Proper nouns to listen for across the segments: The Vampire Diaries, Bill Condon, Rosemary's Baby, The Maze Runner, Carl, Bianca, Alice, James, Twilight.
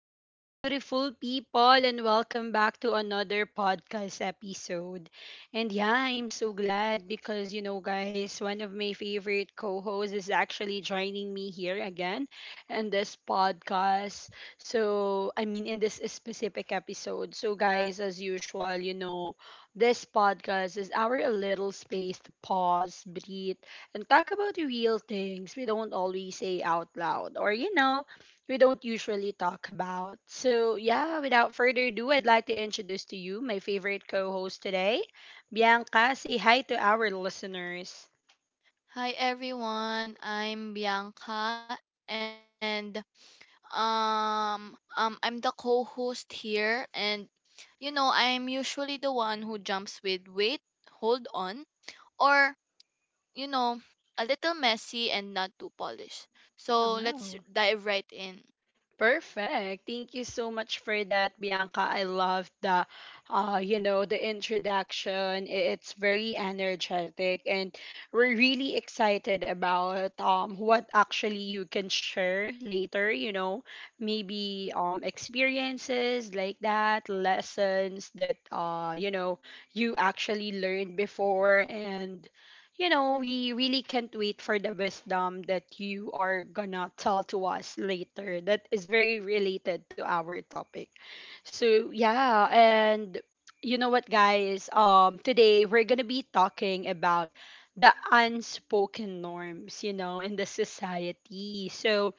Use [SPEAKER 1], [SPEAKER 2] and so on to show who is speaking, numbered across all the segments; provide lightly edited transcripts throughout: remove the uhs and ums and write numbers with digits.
[SPEAKER 1] Hello, beautiful people, and welcome back to another podcast episode. And yeah, I'm so glad because, you know, guys, one of my favorite co hosts is actually joining me here again in this podcast. So, I mean, in this specific episode. So, guys, as usual, you know, this podcast is our little space to pause, breathe, and talk about the real things we don't always say out loud or you know we don't usually talk about. So, yeah, without further ado, I'd like to introduce to you my favorite co host today, Bianca. Say hi to our listeners.
[SPEAKER 2] Hi everyone, I'm Bianca and I'm the co-host here and you know, I'm usually the one who jumps with wait, hold on or you know, a little messy and not too polished. So,
[SPEAKER 1] Wow.
[SPEAKER 2] let's dive right in.
[SPEAKER 1] Perfect. Thank you so much for that, Bianca. I love the, you know, the introduction. It's very energetic, and we're really excited about what actually you can share later. You know, maybe experiences like that, lessons that you know you actually learned before, and you know, we really can't wait for the wisdom that you are gonna tell to us later that is very related to our topic. So, yeah, and you know what, guys? Today we're gonna be talking about the unspoken norms, you know, in the society. So,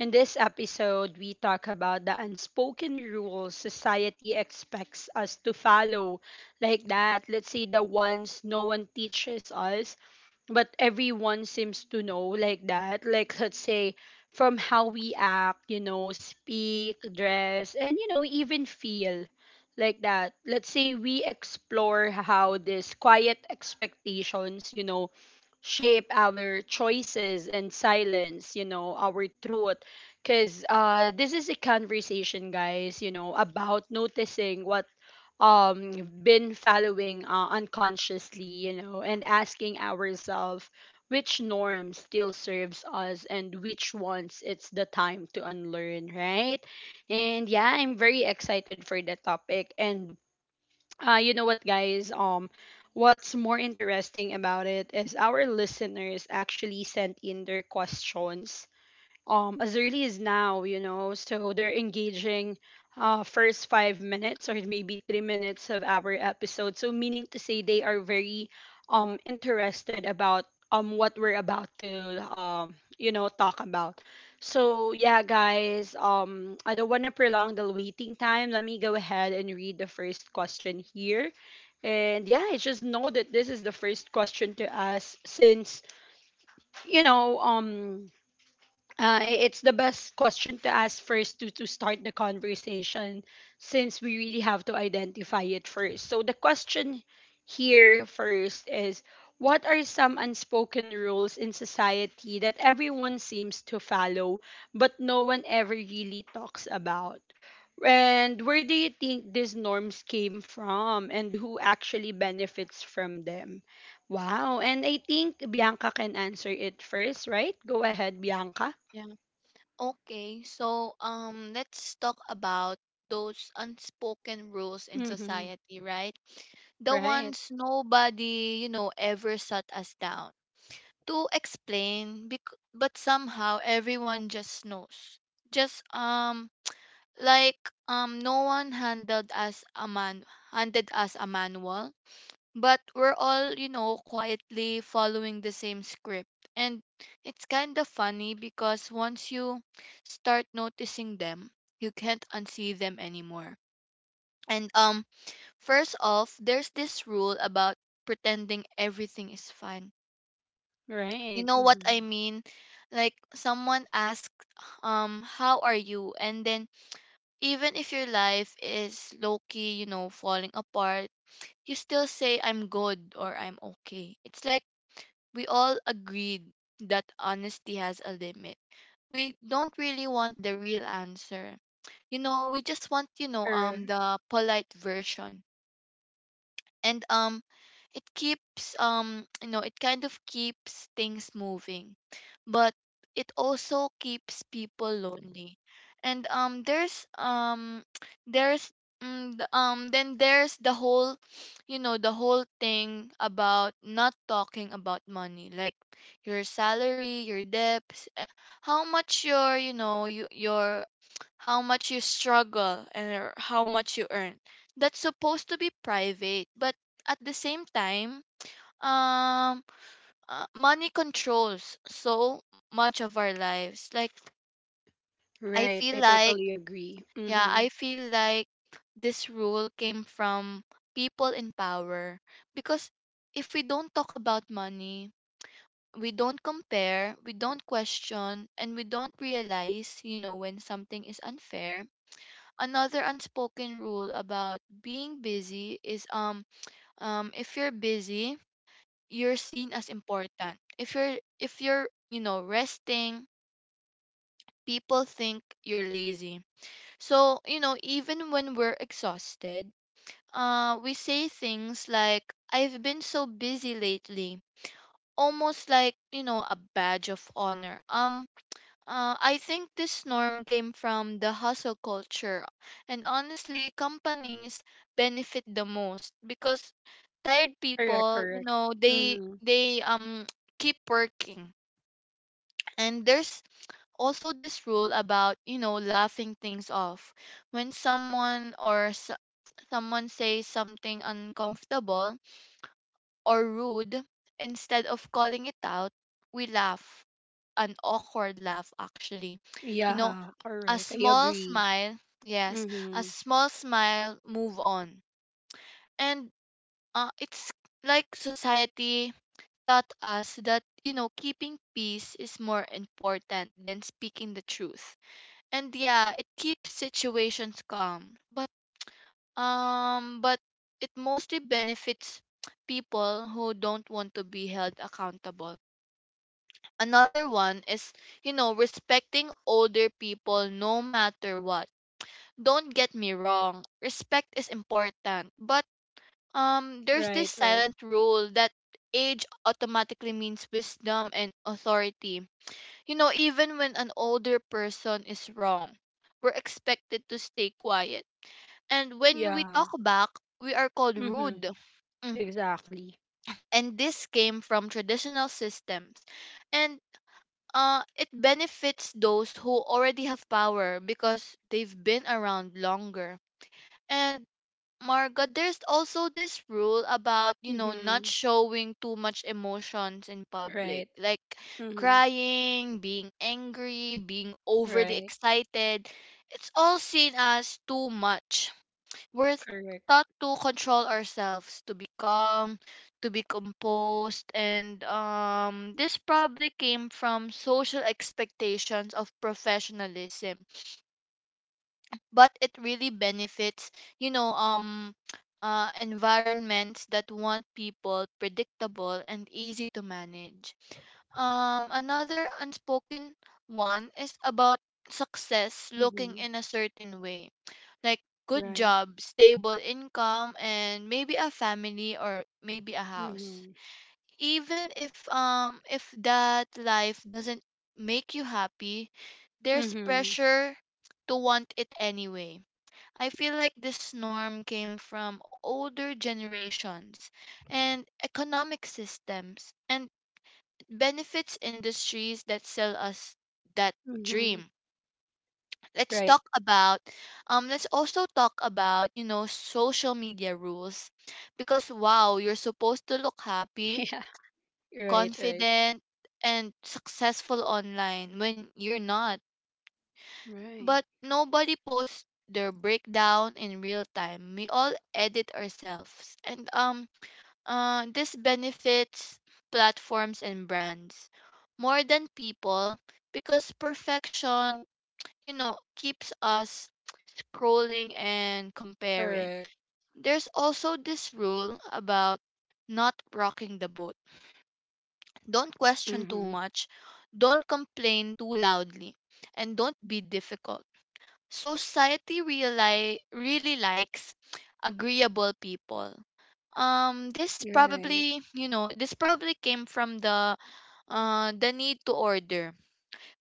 [SPEAKER 1] in this episode, we talk about the unspoken rules society expects us to follow. Like that, let's say the ones no one teaches us but everyone seems to know like that like let's say from how we act, you know, speak, dress, and you know even feel like that, let's say we explore how these quiet expectations you know shape our choices and silence you know our truth because this is a conversation, guys, you know, about noticing what been following unconsciously, you know, and asking ourselves which norm still serves us and which ones it's the time to unlearn, right? And yeah, I'm very excited for the topic. And you know what, guys? What's more interesting about it is our listeners actually sent in their questions as early as now, you know. So they're engaging first 5 minutes or maybe 3 minutes of our episode. So meaning to say they are very interested about what we're about to you know talk about. So yeah, guys. I don't want to prolong the waiting time. Let me go ahead and read the first question here. And yeah, I just know that this is the first question to ask since you know um it's the best question to ask first to start the conversation since we really have to identify it first. So the question here first is, what are some unspoken rules in society that everyone seems to follow but no one ever really talks about? And where do you think these norms came from and who actually benefits from them? Wow. And I think Bianca can answer it first, right? Go ahead, Bianca.
[SPEAKER 2] Yeah. Okay, so let's talk about those unspoken rules in
[SPEAKER 1] Mm-hmm.
[SPEAKER 2] society, right? The
[SPEAKER 1] Right.
[SPEAKER 2] ones nobody, you know, ever shut us down. But somehow everyone just knows just like no one handled us a man handed us a manual, but we're all you know quietly following the same script. And it's kind of funny because once you start noticing them, you can't unsee them anymore. And first off, there's this rule about pretending everything is fine, you
[SPEAKER 1] Right.
[SPEAKER 2] know what I
[SPEAKER 1] Mm-hmm.
[SPEAKER 2] mean? Like someone asks, how are you? And then even if your life is low key, you know, falling apart, you still say I'm good or I'm okay. It's like we all agreed that honesty has a limit. We don't really want the real answer. You know, we just want, you know,
[SPEAKER 1] Er,
[SPEAKER 2] the polite version. And it keeps you know, it kind of keeps things moving, but it also keeps people lonely. And there's there's then there's the whole you know, the whole thing about not talking about money, like your salary, your debts, how much your your how much you struggle, and or how much you earn. That's supposed to be private, but at the same time, um, money controls so much of our lives. Like I
[SPEAKER 1] right,
[SPEAKER 2] feel
[SPEAKER 1] I
[SPEAKER 2] like,
[SPEAKER 1] totally agree.
[SPEAKER 2] yeah,
[SPEAKER 1] Mm-hmm.
[SPEAKER 2] I feel like this rule came from people in power, because if we don't talk about money, we don't compare, we don't question, and we don't realize, you know, when something is unfair. Another unspoken rule about being busy is if you're busy, you're seen as important. If you're, you know, resting, people think you're lazy. So, you know, even when we're exhausted, we say things like I've been so busy lately, almost like, you know, a badge of honor. I think this norm came from the hustle culture, and honestly, companies benefit the most because tired
[SPEAKER 1] Correct.
[SPEAKER 2] people, you
[SPEAKER 1] Correct.
[SPEAKER 2] know, they
[SPEAKER 1] Mm-hmm.
[SPEAKER 2] they um keep working. And there's also this rule about, you know, laughing things off. When someone or s Someone says something uncomfortable or rude, instead of calling it out, we laugh. An awkward laugh, actually. You know,
[SPEAKER 1] Yeah.
[SPEAKER 2] a
[SPEAKER 1] Correct. I
[SPEAKER 2] small
[SPEAKER 1] agree.
[SPEAKER 2] smile, yes, a
[SPEAKER 1] Mm-hmm.
[SPEAKER 2] small smile, move on. And it's like society taught us that, you know, keeping peace is more important than speaking the truth. And yeah, it keeps situations calm, but um but it mostly benefits people who don't want to be held accountable. Another one is, you know, respecting older people no matter what. Don't get me wrong, respect is important, but there's this
[SPEAKER 1] Right. Right.
[SPEAKER 2] silent rule that age automatically means wisdom and authority. You know, even when an older person is wrong, we're expected to stay quiet. And when we talk
[SPEAKER 1] Yeah.
[SPEAKER 2] back, we are called
[SPEAKER 1] Mm-hmm.
[SPEAKER 2] rude. Mm.
[SPEAKER 1] Exactly.
[SPEAKER 2] And this came from traditional systems. And it benefits those who already have power because they've been around longer. And Marga, there's also this rule about, you know,
[SPEAKER 1] Mm-hmm.
[SPEAKER 2] not showing too much emotions in public,
[SPEAKER 1] Right.
[SPEAKER 2] like
[SPEAKER 1] Mm-hmm.
[SPEAKER 2] crying, being angry, being overly
[SPEAKER 1] Right.
[SPEAKER 2] excited. It's all seen as too much. We're
[SPEAKER 1] Correct.
[SPEAKER 2] taught to control ourselves, to be calm, to be composed, and this probably came from social expectations of professionalism. But it really benefits, you know, environments that want people predictable and easy to manage. Another unspoken one is about success
[SPEAKER 1] Mm-hmm.
[SPEAKER 2] looking in a certain way, like good
[SPEAKER 1] Right.
[SPEAKER 2] job, stable income, and maybe a family or maybe a house.
[SPEAKER 1] Mm-hmm.
[SPEAKER 2] Even if that life doesn't make you happy, there's
[SPEAKER 1] Mm-hmm.
[SPEAKER 2] pressure to want it anyway. I feel like this norm came from older generations and economic systems, and benefits industries that sell us that
[SPEAKER 1] Mm-hmm.
[SPEAKER 2] dream. let's
[SPEAKER 1] Right.
[SPEAKER 2] talk about let's also talk about, you know, social media rules, because wow, you're supposed to look happy,
[SPEAKER 1] Yeah. Right. Right.
[SPEAKER 2] confident, and successful online when you're not.
[SPEAKER 1] Right.
[SPEAKER 2] But nobody posts their breakdown in real time. We all edit ourselves. And this benefits platforms and brands more than people, because perfection, you know, keeps us scrolling and comparing.
[SPEAKER 1] Correct.
[SPEAKER 2] There's also this rule about not rocking the boat. Don't question
[SPEAKER 1] Mm-hmm.
[SPEAKER 2] too much, don't complain too loudly, and don't be difficult. Society really likes agreeable people. This
[SPEAKER 1] Right.
[SPEAKER 2] probably, you know, this probably came from the need to order,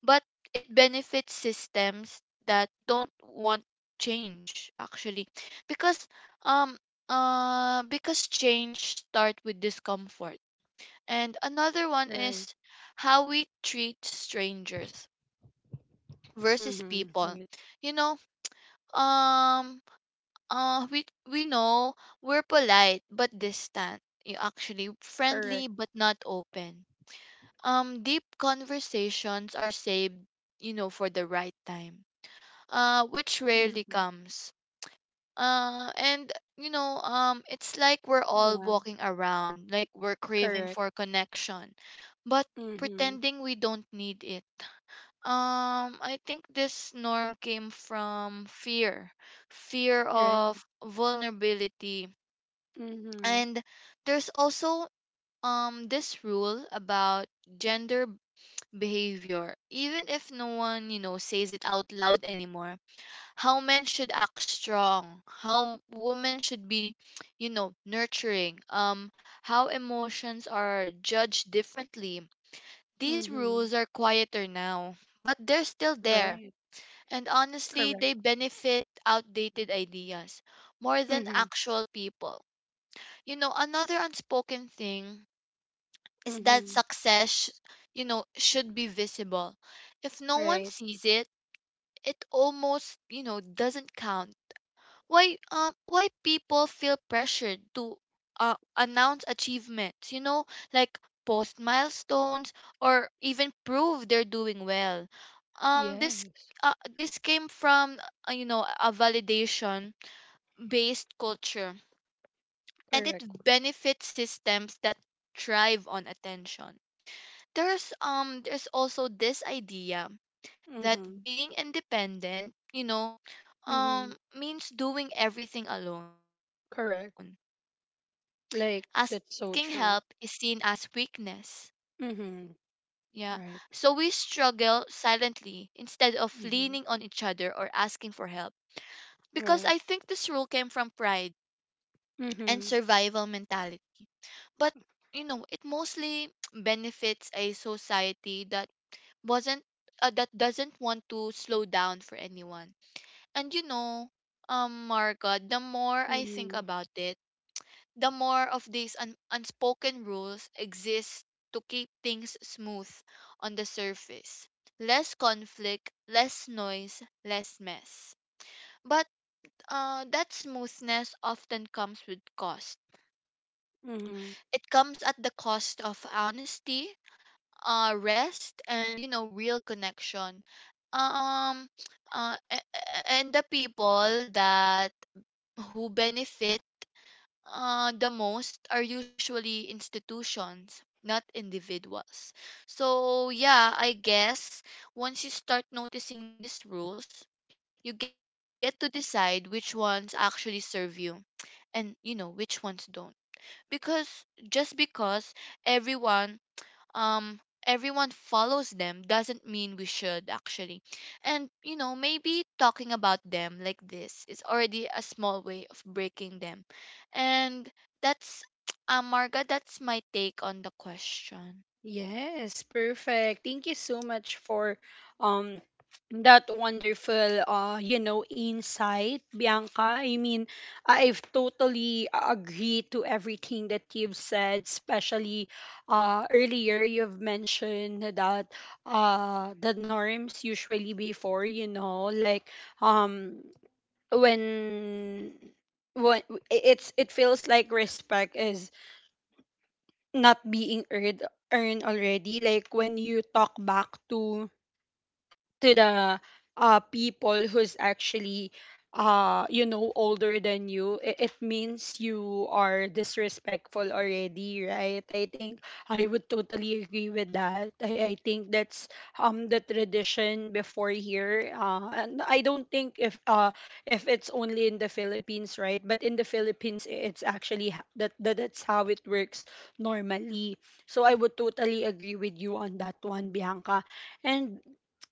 [SPEAKER 2] but it benefits systems that don't want change actually, because um because change start with discomfort. And another one
[SPEAKER 1] Right.
[SPEAKER 2] is how we treat strangers versus
[SPEAKER 1] Mm-hmm. Right.
[SPEAKER 2] people, you know. um uh we we know we're polite but distant, you actually
[SPEAKER 1] Correct.
[SPEAKER 2] friendly but not open. Deep conversations are saved, you know, for the right time, which rarely
[SPEAKER 1] Mm-hmm.
[SPEAKER 2] comes. And you know, it's like we're
[SPEAKER 1] Yeah,
[SPEAKER 2] all walking around, like we're
[SPEAKER 1] correct.
[SPEAKER 2] craving for connection, but
[SPEAKER 1] Mm-hmm.
[SPEAKER 2] pretending we don't need it. I think this norm came from fear, fear
[SPEAKER 1] Right.
[SPEAKER 2] of vulnerability.
[SPEAKER 1] Mm-hmm.
[SPEAKER 2] And there's also this rule about gender behavior, even if no one, you know, says it out loud anymore, how men should act strong, women should be, you know, nurturing, how emotions are judged differently. These
[SPEAKER 1] Mm-hmm.
[SPEAKER 2] rules are quieter now, but they're still
[SPEAKER 1] Right.
[SPEAKER 2] there. And
[SPEAKER 1] Correct.
[SPEAKER 2] honestly, they benefit outdated ideas more than
[SPEAKER 1] Mm-hmm.
[SPEAKER 2] actual people. You know, another unspoken thing is
[SPEAKER 1] Mm-hmm.
[SPEAKER 2] that success, you know, should be visible. If no
[SPEAKER 1] Right.
[SPEAKER 2] one sees it, it almost, you know, doesn't count. Why people feel pressured to announce achievements, you know, like post milestones, or even prove they're doing well. um this
[SPEAKER 1] Yes.
[SPEAKER 2] this came from you know, a validation based culture, and
[SPEAKER 1] Correct.
[SPEAKER 2] it benefits systems that thrive on attention. There's also this idea that
[SPEAKER 1] Mm-hmm.
[SPEAKER 2] being independent, you know,
[SPEAKER 1] Mm-hmm.
[SPEAKER 2] means doing everything alone.
[SPEAKER 1] Correct.
[SPEAKER 2] Asking help is seen as
[SPEAKER 1] Like that's
[SPEAKER 2] weakness.
[SPEAKER 1] so true.
[SPEAKER 2] Yeah. So we
[SPEAKER 1] Mm-hmm.
[SPEAKER 2] struggle
[SPEAKER 1] Right.
[SPEAKER 2] silently instead of leaning on each other or asking for
[SPEAKER 1] Mm-hmm.
[SPEAKER 2] help. Because I think this rule came from
[SPEAKER 1] Right.
[SPEAKER 2] pride and survival
[SPEAKER 1] Mm-hmm.
[SPEAKER 2] mentality. But, you know, it mostly benefits a society that wasn't that doesn't want to slow down for anyone. And you know, Margot, the more I think
[SPEAKER 1] Mm-hmm.
[SPEAKER 2] about it, the more of unspoken rules exist to keep things smooth on the surface. Less conflict, less noise, less mess. But that smoothness often comes with cost.
[SPEAKER 1] Mm-hmm.
[SPEAKER 2] It comes at the cost of honesty, rest, and you know, real connection. Um, and the people that who benefit the most are usually institutions, not individuals. So, yeah, I guess once you start noticing these rules, you get to decide which ones actually serve you, and you know, which ones don't. Because just because everyone um everyone follows them doesn't mean we should actually. And you know, maybe talking about them like this is already a small way of breaking them. And that's Marga, that's my take on the question.
[SPEAKER 1] Yes, perfect. Thank you so much for um that wonderful you know insight, Bianca. I mean, I've totally agree to everything that you've said, especially earlier you've mentioned that the norms usually before, you know, like um when when it's, it feels like respect is not being earned, already, like when you talk back to the people who's actually you know older than you, it means you are disrespectful already, right? I think I would totally agree with that. I think that's the tradition before here, and I don't think if it's only in the Philippines, right? But in the Philippines, it's actually that's how it works normally. So I would totally agree with you on that one, Bianca. And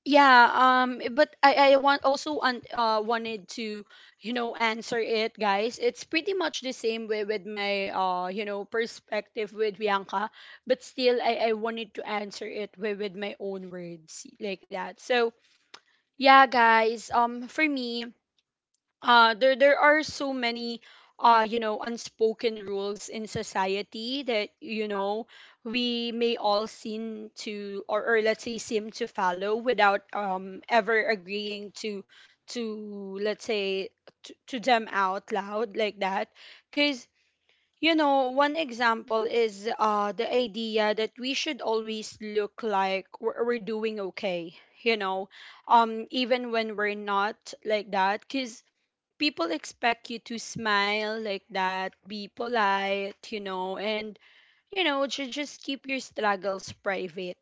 [SPEAKER 1] yeah, but I want also wanted to, you know, answer it, guys. It's pretty much the same way with my, you know, perspective with Bianca, but still, I wanted to answer it with my own words like that. So yeah, guys. For me, there there are so many you know unspoken rules in society that you know we may all seem to or let's say seem to follow without ever agreeing to let's say to them out loud like that because you know one example is the idea that we should always look like we're doing okay, you know, even when we're not like that, because people expect you to smile like that, be polite, you know, and you know, to just keep your struggles private.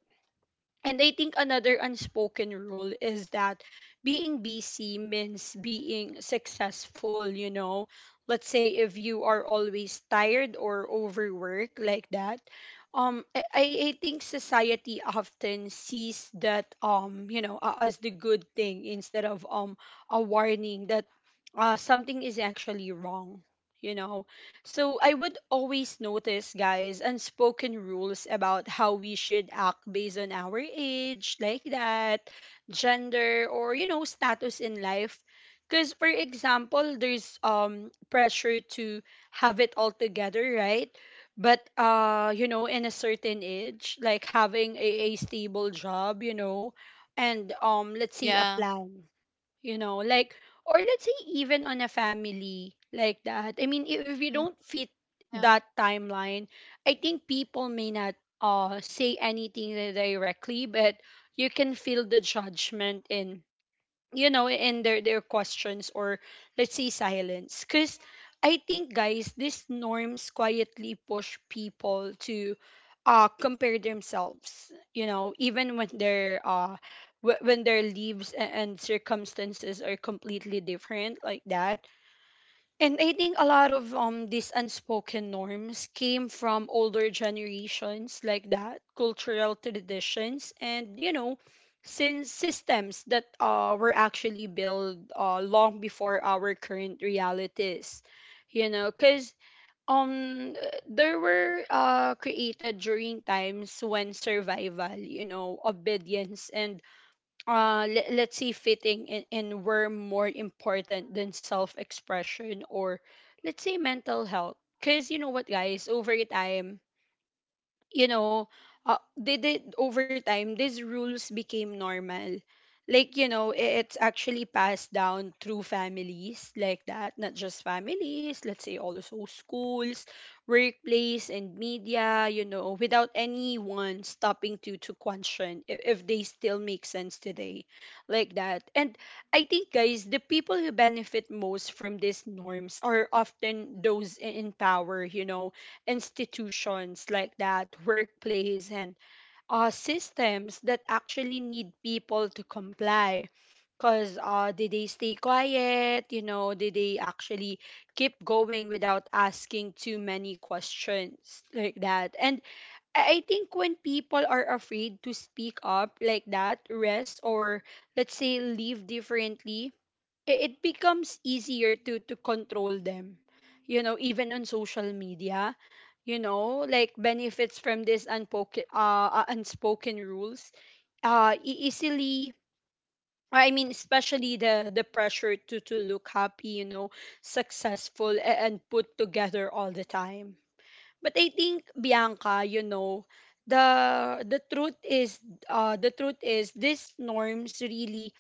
[SPEAKER 1] And I think another unspoken rule is that being busy means being successful, you know. Let's say if you are always tired or overworked like that, I think society often sees that you know, as the good thing instead of a warning that something is actually wrong, you know. So I would always notice, guys, unspoken rules about how we should act based on our age, like that, gender, or you know, status in life. Because, for example, there's pressure to have it all together, right? But you know, in a certain age, like having a stable job, you know, and let's say a
[SPEAKER 2] Yeah.
[SPEAKER 1] plan, you know, like or let's say even on a
[SPEAKER 2] Hmm.
[SPEAKER 1] family like that. I mean, if you don't
[SPEAKER 2] Mm.
[SPEAKER 1] fit that
[SPEAKER 2] Yeah.
[SPEAKER 1] timeline, I think people may not say anything directly, but you can feel the judgment in, you know, in their questions or let's say silence. Because I think, guys, these norms quietly push people to compare themselves, you know, even when their when their lives and circumstances are completely different like that. And I think a lot of these unspoken norms came from older generations like that, cultural traditions, and you know, since systems that were actually built long before our current realities. You know, cuz um they were created during times when survival, you know, obedience, and let's see, fitting and were more important than self expression or let's say mental health. Because you know what, guys, over time, you know, they did over time these rules became normal. Like, you know, it's actually passed down through families like that, not just families. Let's say also schools, workplace, and media. You know, without anyone stopping to question if they still make sense today, like that. And I think, guys, the people who benefit most from these norms are often those in power. You know, institutions like that, workplace, and systems that actually need people to comply. Because did they stay quiet? You know, did they actually keep going without asking too many questions like that? And I think when people are afraid to speak up like that, rest or let's say live differently, it becomes easier to control them, you know, even on social media, you know, like benefits from this unpoken unspoken rules easily. I mean, especially the pressure to look happy, you know, successful and put together all the time. But I think, Bianca, you know, the truth is these norms really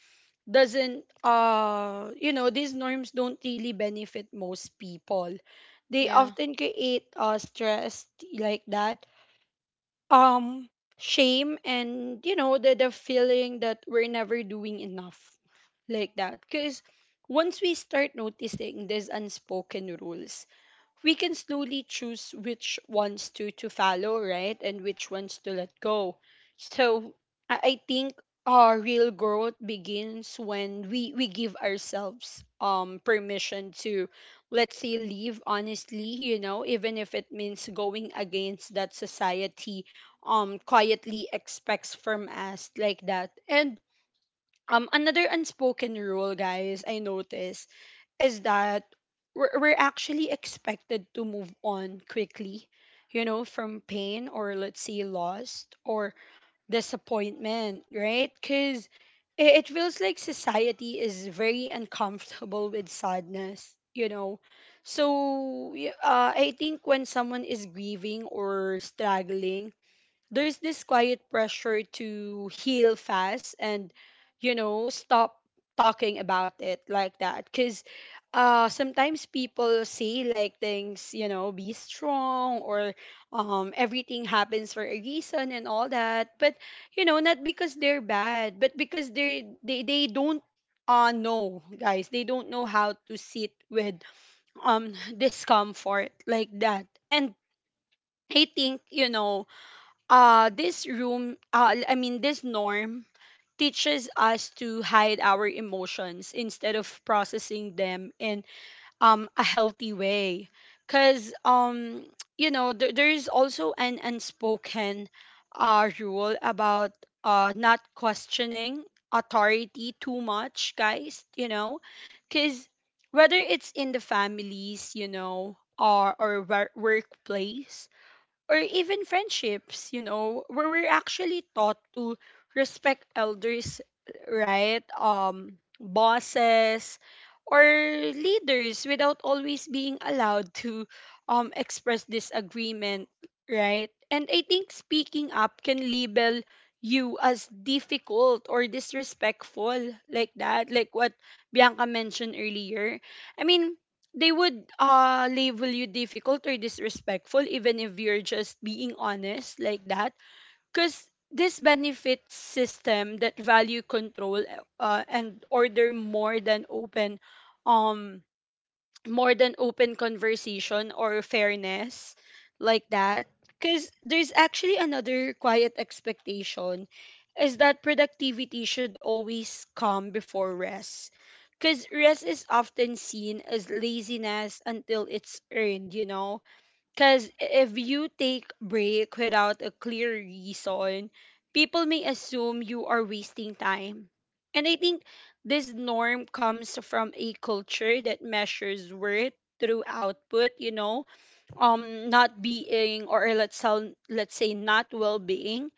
[SPEAKER 1] doesn't, you know, these norms don't really benefit most people. They
[SPEAKER 2] Yeah.
[SPEAKER 1] often create stress like that, um shame, and you know the feeling that we're never doing enough like that. Because once we start noticing these unspoken rules, we can slowly choose which ones to follow, right? And which ones to let go. So I think our real growth begins when we give ourselves permission to, let's say, leave honestly, you know, even if it means going against that society quietly expects from us like that. And another unspoken rule, guys, I notice is that we're actually expected to move on quickly, you know, from pain or let's say loss or disappointment, right? Because it feels like society is very uncomfortable with sadness, you know. So I think when someone is grieving or struggling, there's this quiet pressure to heal fast and you know stop talking about it like that. Because sometimes people say like things, you know, be strong, or everything happens for a reason and all that. But you know, not because they're bad, but because they they don't know, guys, they don't know how to sit with discomfort like that. And I think, you know, this room I mean, this norm teaches us to hide our emotions instead of processing them in a healthy way. Cuz you know, there is also an unspoken rule about not questioning authority too much, guys. Cuz whether it's in the families, or workplace, or even friendships, you know, where we're actually taught to respect elders, right? Bosses or leaders without always being allowed to express disagreement, right? And I think speaking up can label you as difficult or disrespectful like that, like what Bianca mentioned earlier. I mean, they would label you difficult or disrespectful even if you're just being honest like that, because this benefit system that value control and order more than open um conversation or fairness like that. Because there's actually another quiet expectation, is that productivity should always come before rest, because rest is often seen as laziness until it's earned, you know? Because if you take break without a clear reason, people may assume you are wasting time. And I think this norm comes from a culture that measures worth through output, not being, or let's say not well-being.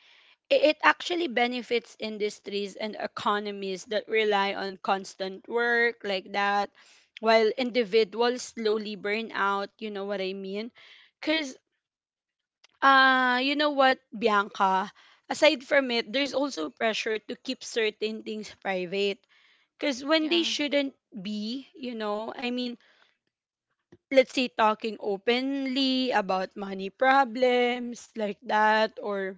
[SPEAKER 1] It actually benefits industries and economies that rely on constant work like that, while individuals slowly burn out, you know what I mean? Because you know what, Bianca? Aside from it, there's also pressure to keep certain things private because when they
[SPEAKER 2] Yeah.
[SPEAKER 1] shouldn't be, I mean, let's say talking openly about money problems like that, or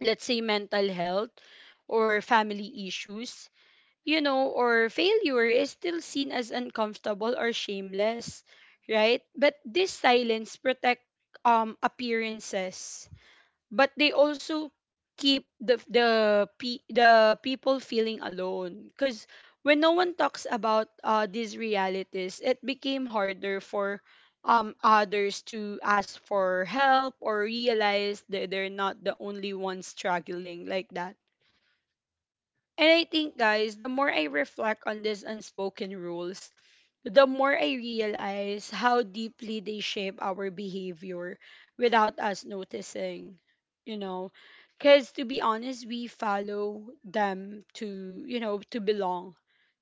[SPEAKER 1] let's say mental health or family issues, you know, or failure is still seen as uncomfortable or shameless, right? But this silence protect appearances, but they also keep the people feeling alone. Because when no one talks about these realities, it became harder for others to ask for help or realize that they're not the only ones struggling like that. And I think, guys, the more I reflect on these unspoken rules, the more I realize how deeply they shape our behavior without us noticing, you know. Because to be honest, we follow them to belong,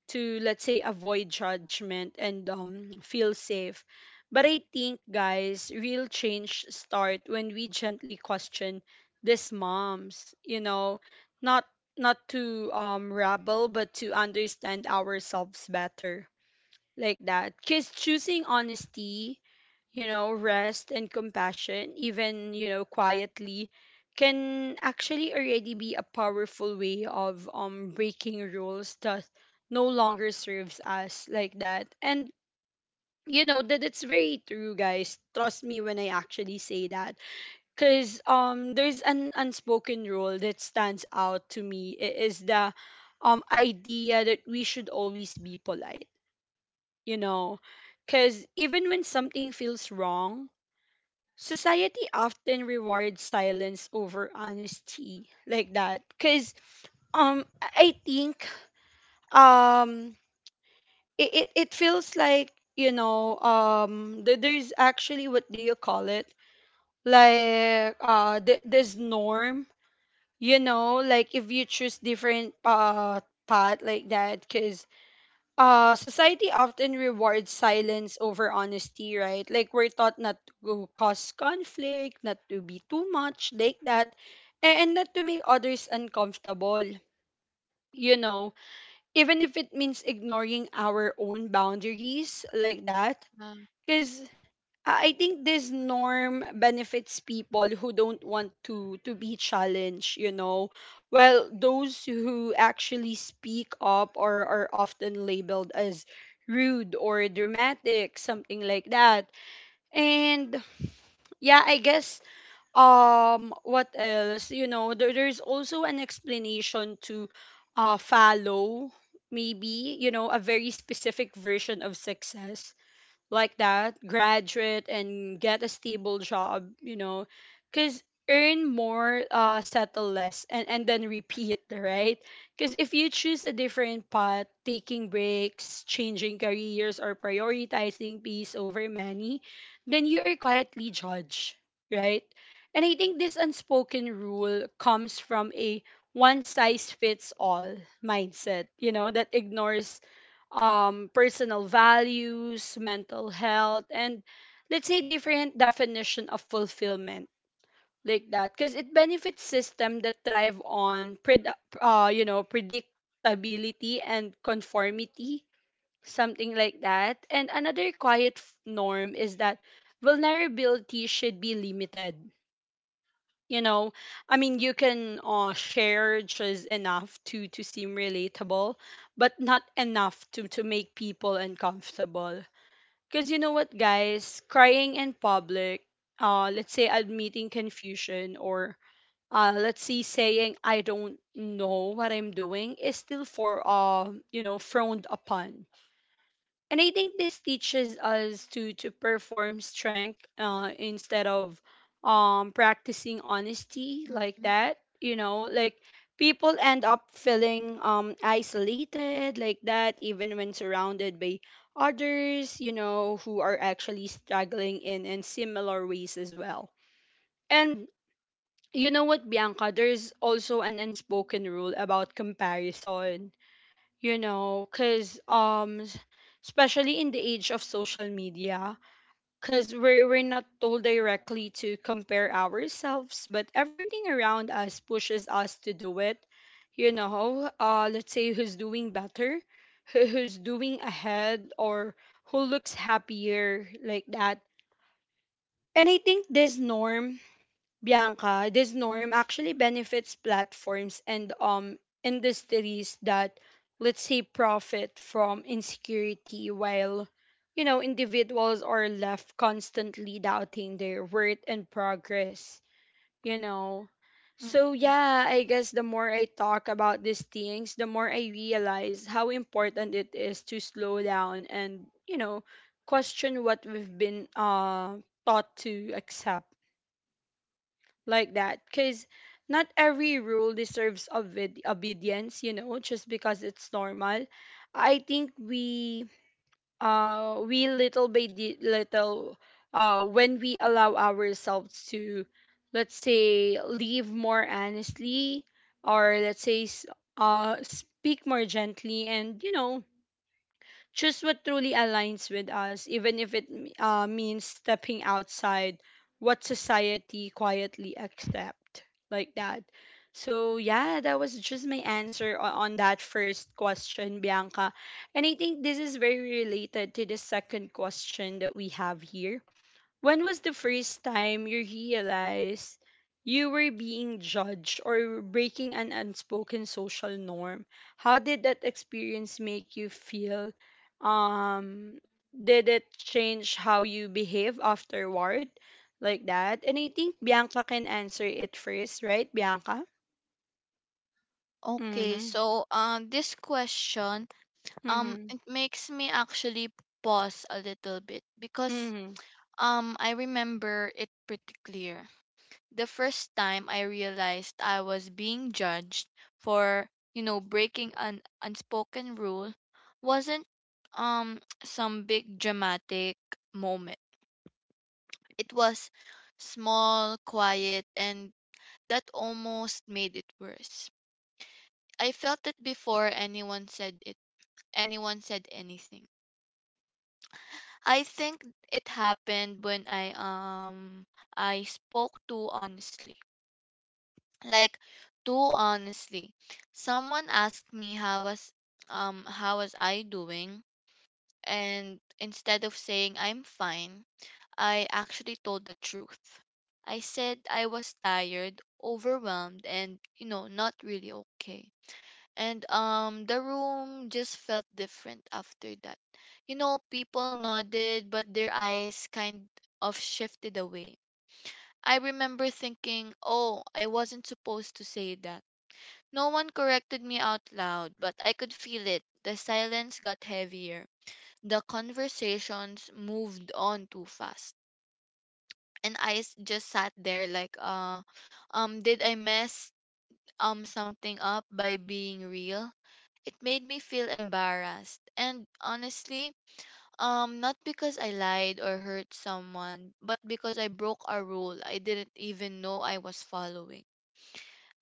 [SPEAKER 1] to, let's say, avoid judgment, and feel safe. But I think, guys, real change start when we gently question these moms, not not to rebel, but to understand ourselves better like that. Because choosing honesty, rest and compassion, even, quietly, can actually already be a powerful way of breaking rules that no longer serves us like that. And you know that it's very true, guys, trust me when I actually say that. Because there's an unspoken rule that stands out to me, it is the idea that we should always be polite, you know because even when something feels wrong, society often rewards silence over honesty like that. Because I think um it feels like, there's actually what do you call it, like this norm, like if you choose different path like that. Because society often rewards silence over honesty, right? Like, we're taught not to cause conflict, not to be too much like that, and not to make others uncomfortable, you know even if it means ignoring our own boundaries like that.
[SPEAKER 2] Um,
[SPEAKER 1] Because I think this norm benefits people who don't want to be challenged, you know, while those who actually speak up or are often labeled as rude or dramatic, something like that. And yeah, I guess what else? There's also an explanation to follow, maybe, a very specific version of success like that: graduate and get a stable job, because earn more, settle less, and then repeat, right? Because if you choose a different path, taking breaks, changing careers, or prioritizing peace over money, then you are quietly judged, right? And I think this unspoken rule comes from a one size fits all mindset, that ignores personal values, mental health, and let's say different definition of fulfillment like that, because it benefits system that thrive on predictability and conformity, something like that. And another quiet norm is that vulnerability should be limited, you know I mean, you can share just enough to seem relatable, but not enough to make people uncomfortable. Because you know what, guys, crying in public, let's say admitting confusion, or let's say saying I don't know what I'm doing, is still for frowned upon. And I think this teaches us to perform strength, instead of practicing honesty like
[SPEAKER 2] mhm.
[SPEAKER 1] that. Like, people end up feeling isolated like that, even when surrounded by others, you know, who are actually struggling in similar ways as well. And you know what, Bianca? There's also an unspoken rule about comparison, because especially in the age of social media, because we're not told directly to compare ourselves, but everything around us pushes us to do it, let's say who's doing better, who's doing ahead, or who looks happier like that. And I think this norm Bianca, this norm actually benefits platforms and industries that, let's say, profit from insecurity, while individuals are left constantly doubting their worth and progress, you know. So
[SPEAKER 2] Mm.
[SPEAKER 1] yeah, I guess the more I talk about these things, the more I realize how important it is to slow down and, question what we've been taught to accept like that, because not every rule deserves obedience, just because it's normal. I think we little by little, when we allow ourselves to, let's say, live more honestly, or let's say speak more gently, and, choose what truly aligns with us, even if it means stepping outside what society quietly accept like that. So yeah, that was just my answer on that first question, Bianca. And I think this is very related to the second question that we have here: when was the first time you realized you were being judged or breaking an unspoken social norm? How did that experience make you feel? Um, did it change how you behave afterward? Like that? And I think Bianca can answer it first, right, Bianca?
[SPEAKER 2] Okay,
[SPEAKER 1] Mm-hmm.
[SPEAKER 2] so this question
[SPEAKER 1] Mm-hmm.
[SPEAKER 2] it makes me actually pause a little bit, because
[SPEAKER 1] Mm-hmm.
[SPEAKER 2] I remember it pretty clear. The first time I realized I was being judged for, you know, breaking an unspoken rule wasn't some big dramatic moment. It was small, quiet, and that almost made it worse. I felt it before anyone said anything. I think it happened when I spoke too honestly. Like too honestly. Someone asked me how was I doing, and instead of saying I'm fine, I actually told the truth. I said I was tired, overwhelmed, and you know, not really okay. And the room just felt different after that. You know, people nodded but their eyes kind of shifted away. I remember thinking, oh, I wasn't supposed to say that. No one corrected me out loud, but I could feel it. The silence got heavier. The conversations moved on too fast. And just sat there like, did I mess something up by being real? It made me feel embarrassed. And honestly, not because I lied or hurt someone, but because I broke a rule I didn't even know I was following.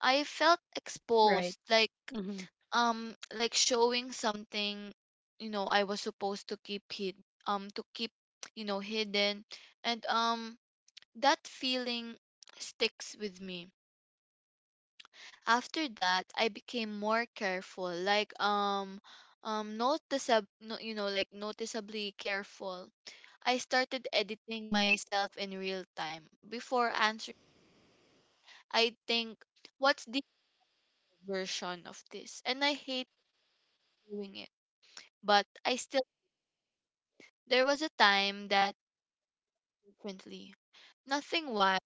[SPEAKER 2] I felt
[SPEAKER 1] Right.
[SPEAKER 2] exposed,
[SPEAKER 1] Mm-hmm.
[SPEAKER 2] like showing something, you know, I was supposed to keep hid to keep, you know, hidden. And that feeling sticks with me. After that I became more careful, like noticeab- no, you know, like noticeably careful. I started editing myself in real time before answering. I think what's the version of this, and I hate doing it, but I still, there was a time that frequently. Nothing wild,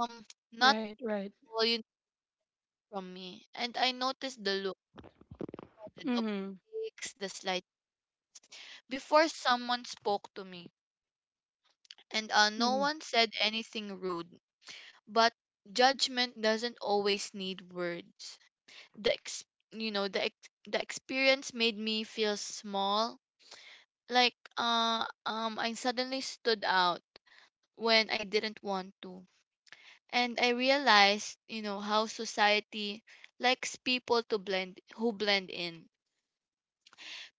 [SPEAKER 2] um, not
[SPEAKER 1] Right, right.
[SPEAKER 2] all you need from me. And I noticed the look, the
[SPEAKER 1] Mm-hmm.
[SPEAKER 2] double takes, the slight. Before someone spoke to me, and no
[SPEAKER 1] Mm-hmm.
[SPEAKER 2] one said anything rude. But judgment doesn't always need words. The ex- you know the ex- the experience made me feel small. I suddenly stood out when I didn't want to, and I realized, how society likes people to blend who blend in.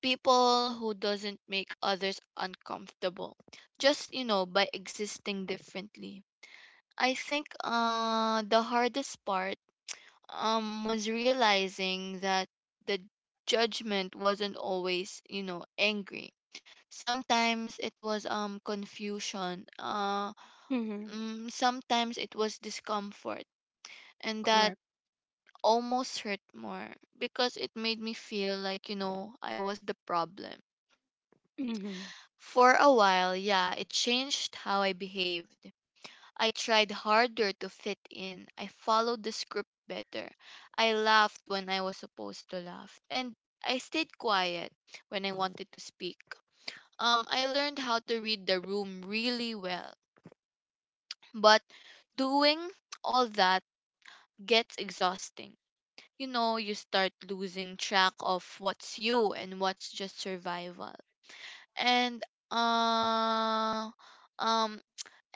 [SPEAKER 2] People who doesn't make others uncomfortable just, by existing differently. I think the hardest part was realizing that the judgment wasn't always, angry. Sometimes it was confusion.
[SPEAKER 1] Mm-hmm.
[SPEAKER 2] Sometimes it was discomfort, and that
[SPEAKER 1] Correct.
[SPEAKER 2] almost hurt more because it made me feel like, I was the problem.
[SPEAKER 1] Mm-hmm.
[SPEAKER 2] For a while, yeah, it changed how I behaved. I tried harder to fit in. I followed the script better. I laughed when I was supposed to laugh. And I stayed quiet when I wanted to speak. I learned how to read the room really well. But doing all that gets exhausting. You start losing track of what's you and what's just survival. And uh um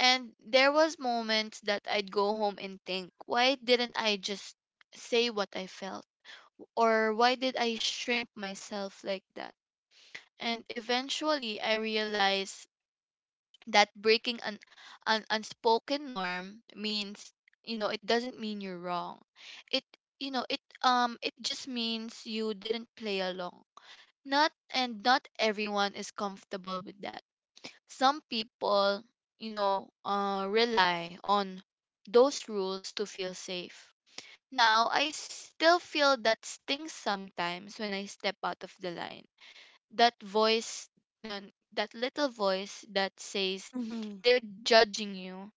[SPEAKER 2] and there was moments that I'd go home and think, why didn't I just say what I felt? Or why did I shrink myself like that? And eventually I realized that breaking an unspoken norm means it doesn't mean you're wrong, it it just means you didn't play along, not and not everyone is comfortable with that. Some people, rely on those rules to feel safe. Now I still feel that stings sometimes when I step out of the line, that voice, that little voice that says
[SPEAKER 1] Mm-hmm.
[SPEAKER 2] they're judging you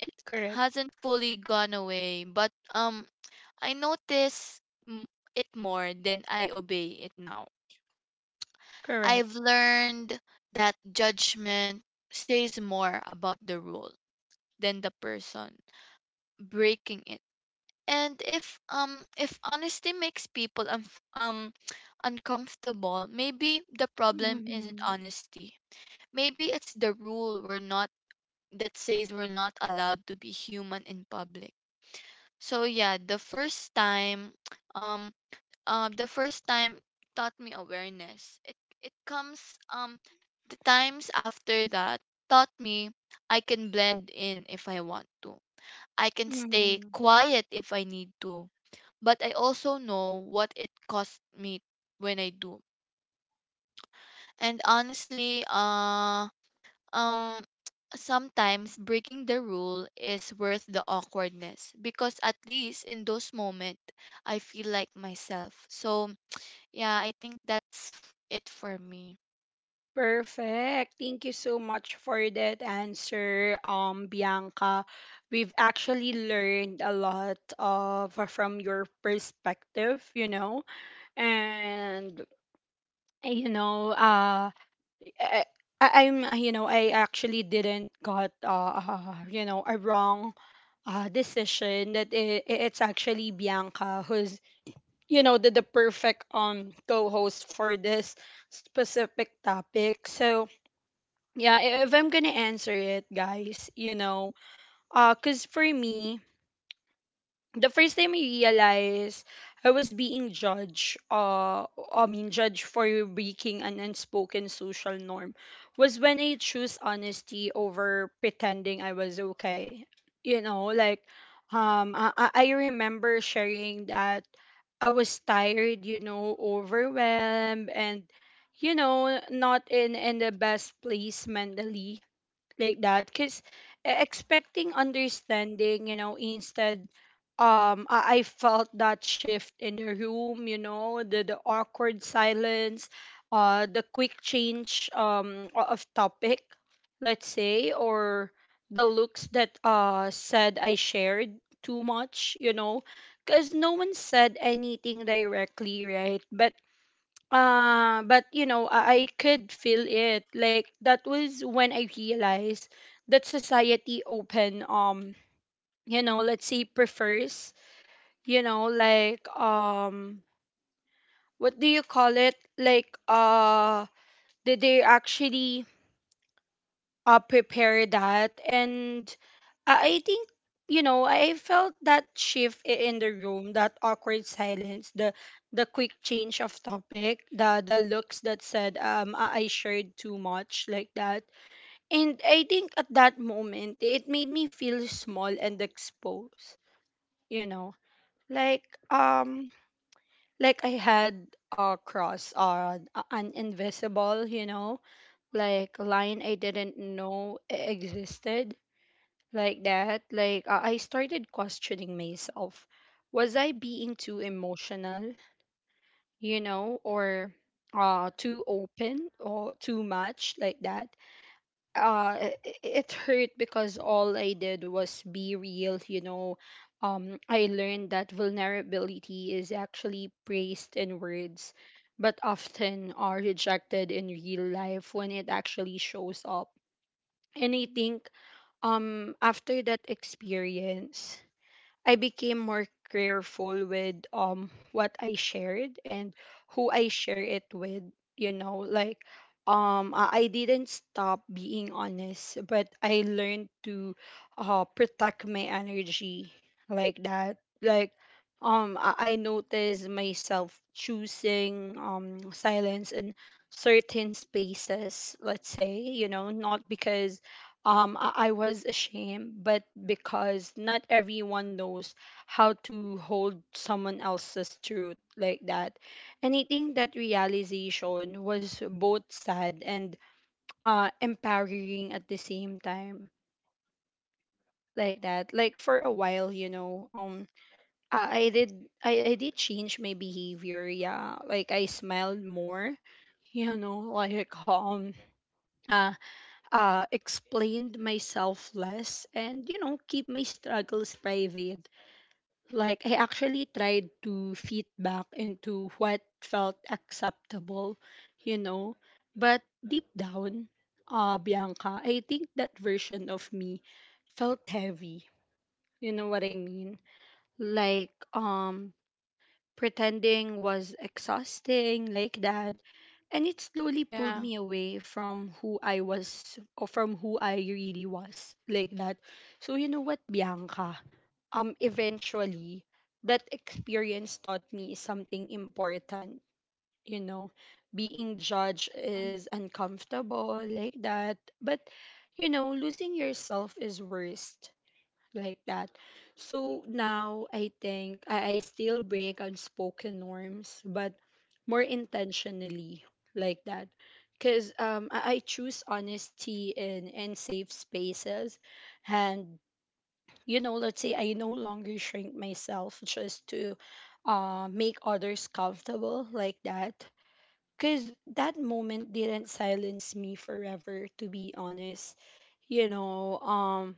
[SPEAKER 2] it
[SPEAKER 1] Correct.
[SPEAKER 2] Hasn't fully gone away, but I notice it more than I obey it now.
[SPEAKER 1] Correct.
[SPEAKER 2] I've learned that judgment says more about the rule than the person breaking it. And if honesty makes people unf um uncomfortable, maybe the problem isn't
[SPEAKER 1] Mhm.
[SPEAKER 2] honesty. Maybe it's the rule we're not that says we're not allowed to be human in public. So yeah, the first time um the first time taught me awareness. It comes The times after that taught me I can blend in if I want to. I can stay
[SPEAKER 1] Mhm.
[SPEAKER 2] quiet if I need to, but I also know what it cost me when I do. And honestly, um sometimes breaking the rule is worth the awkwardness because at least in those moments I feel like myself. So yeah, I think that's it for me.
[SPEAKER 1] Perfect. Thank you so much for that answer, Bianca. We've actually learned a lot of from your perspective, you know, and you know, uh, I, I'm, I actually didn't got, a wrong decision. That it's actually Bianca who's the perfect co-host for this specific topic. So yeah, if I'm gonna answer it, guys, because for me, the first time I realized I was being judged, I mean, judged for breaking an unspoken social norm, was when I chose honesty over pretending I was okay. Like, I remember sharing that I was tired, you know, overwhelmed, and, not in the best place mentally like that, because expecting understanding, instead, I felt that shift in the room, the awkward silence, the quick change, of topic, let's say, or the looks that said I shared too much, because no one said anything directly, right? But I could feel it. Like, that was when I realized that society open, let's say, prefers, like what do you call it? Like did they actually prepare that. And I think, I felt that shift in the room, that awkward silence, the quick change of topic, the looks that said, I shared too much like that. And I think at that moment it made me feel small and exposed, you know. Like um like I had a cross on an invisible, you know, like line I didn't know existed like that. I started questioning myself. Was I being too emotional, you know, or too open or too much like that? It hurt because all I did was be real, you know. I learned that vulnerability is actually praised in words, but often are rejected in real life when it actually shows up. And I think, after that experience, I became more careful with what I shared and who I share it with, you know. Like um, I didn't stop being honest, but I learned to protect my energy like that. Like um, I noticed myself choosing silence in certain spaces, let's say, you know, not because I was ashamed, but because not everyone knows how to hold someone else's truth like that. And I think that realization was both sad and empowering at the same time, like that. Like for a while, you know, I did change my behavior. Yeah, like I smiled more, you know, like uh, explained myself less and, you know, keep my struggles private. Like I actually tried to fit back into what felt acceptable, you know. But deep down, Bianca, I think that version of me felt heavy, you know what I mean? Like pretending was exhausting, like that. And it slowly pulled
[SPEAKER 2] Yeah.
[SPEAKER 1] me away from who I was, or from who I really was, like that. So you know what, Bianca? Eventually that experience taught me something important, you know. Being judged
[SPEAKER 2] Mm-hmm.
[SPEAKER 1] is uncomfortable, like that, but you know, losing yourself is worst, like that. So now I think I still break unspoken norms, but more intentionally, like that. Because I choose honesty and, safe spaces. And, you know, let's say I no longer shrink myself just to make others comfortable, like that. Because that moment didn't silence me forever, to be honest. You know,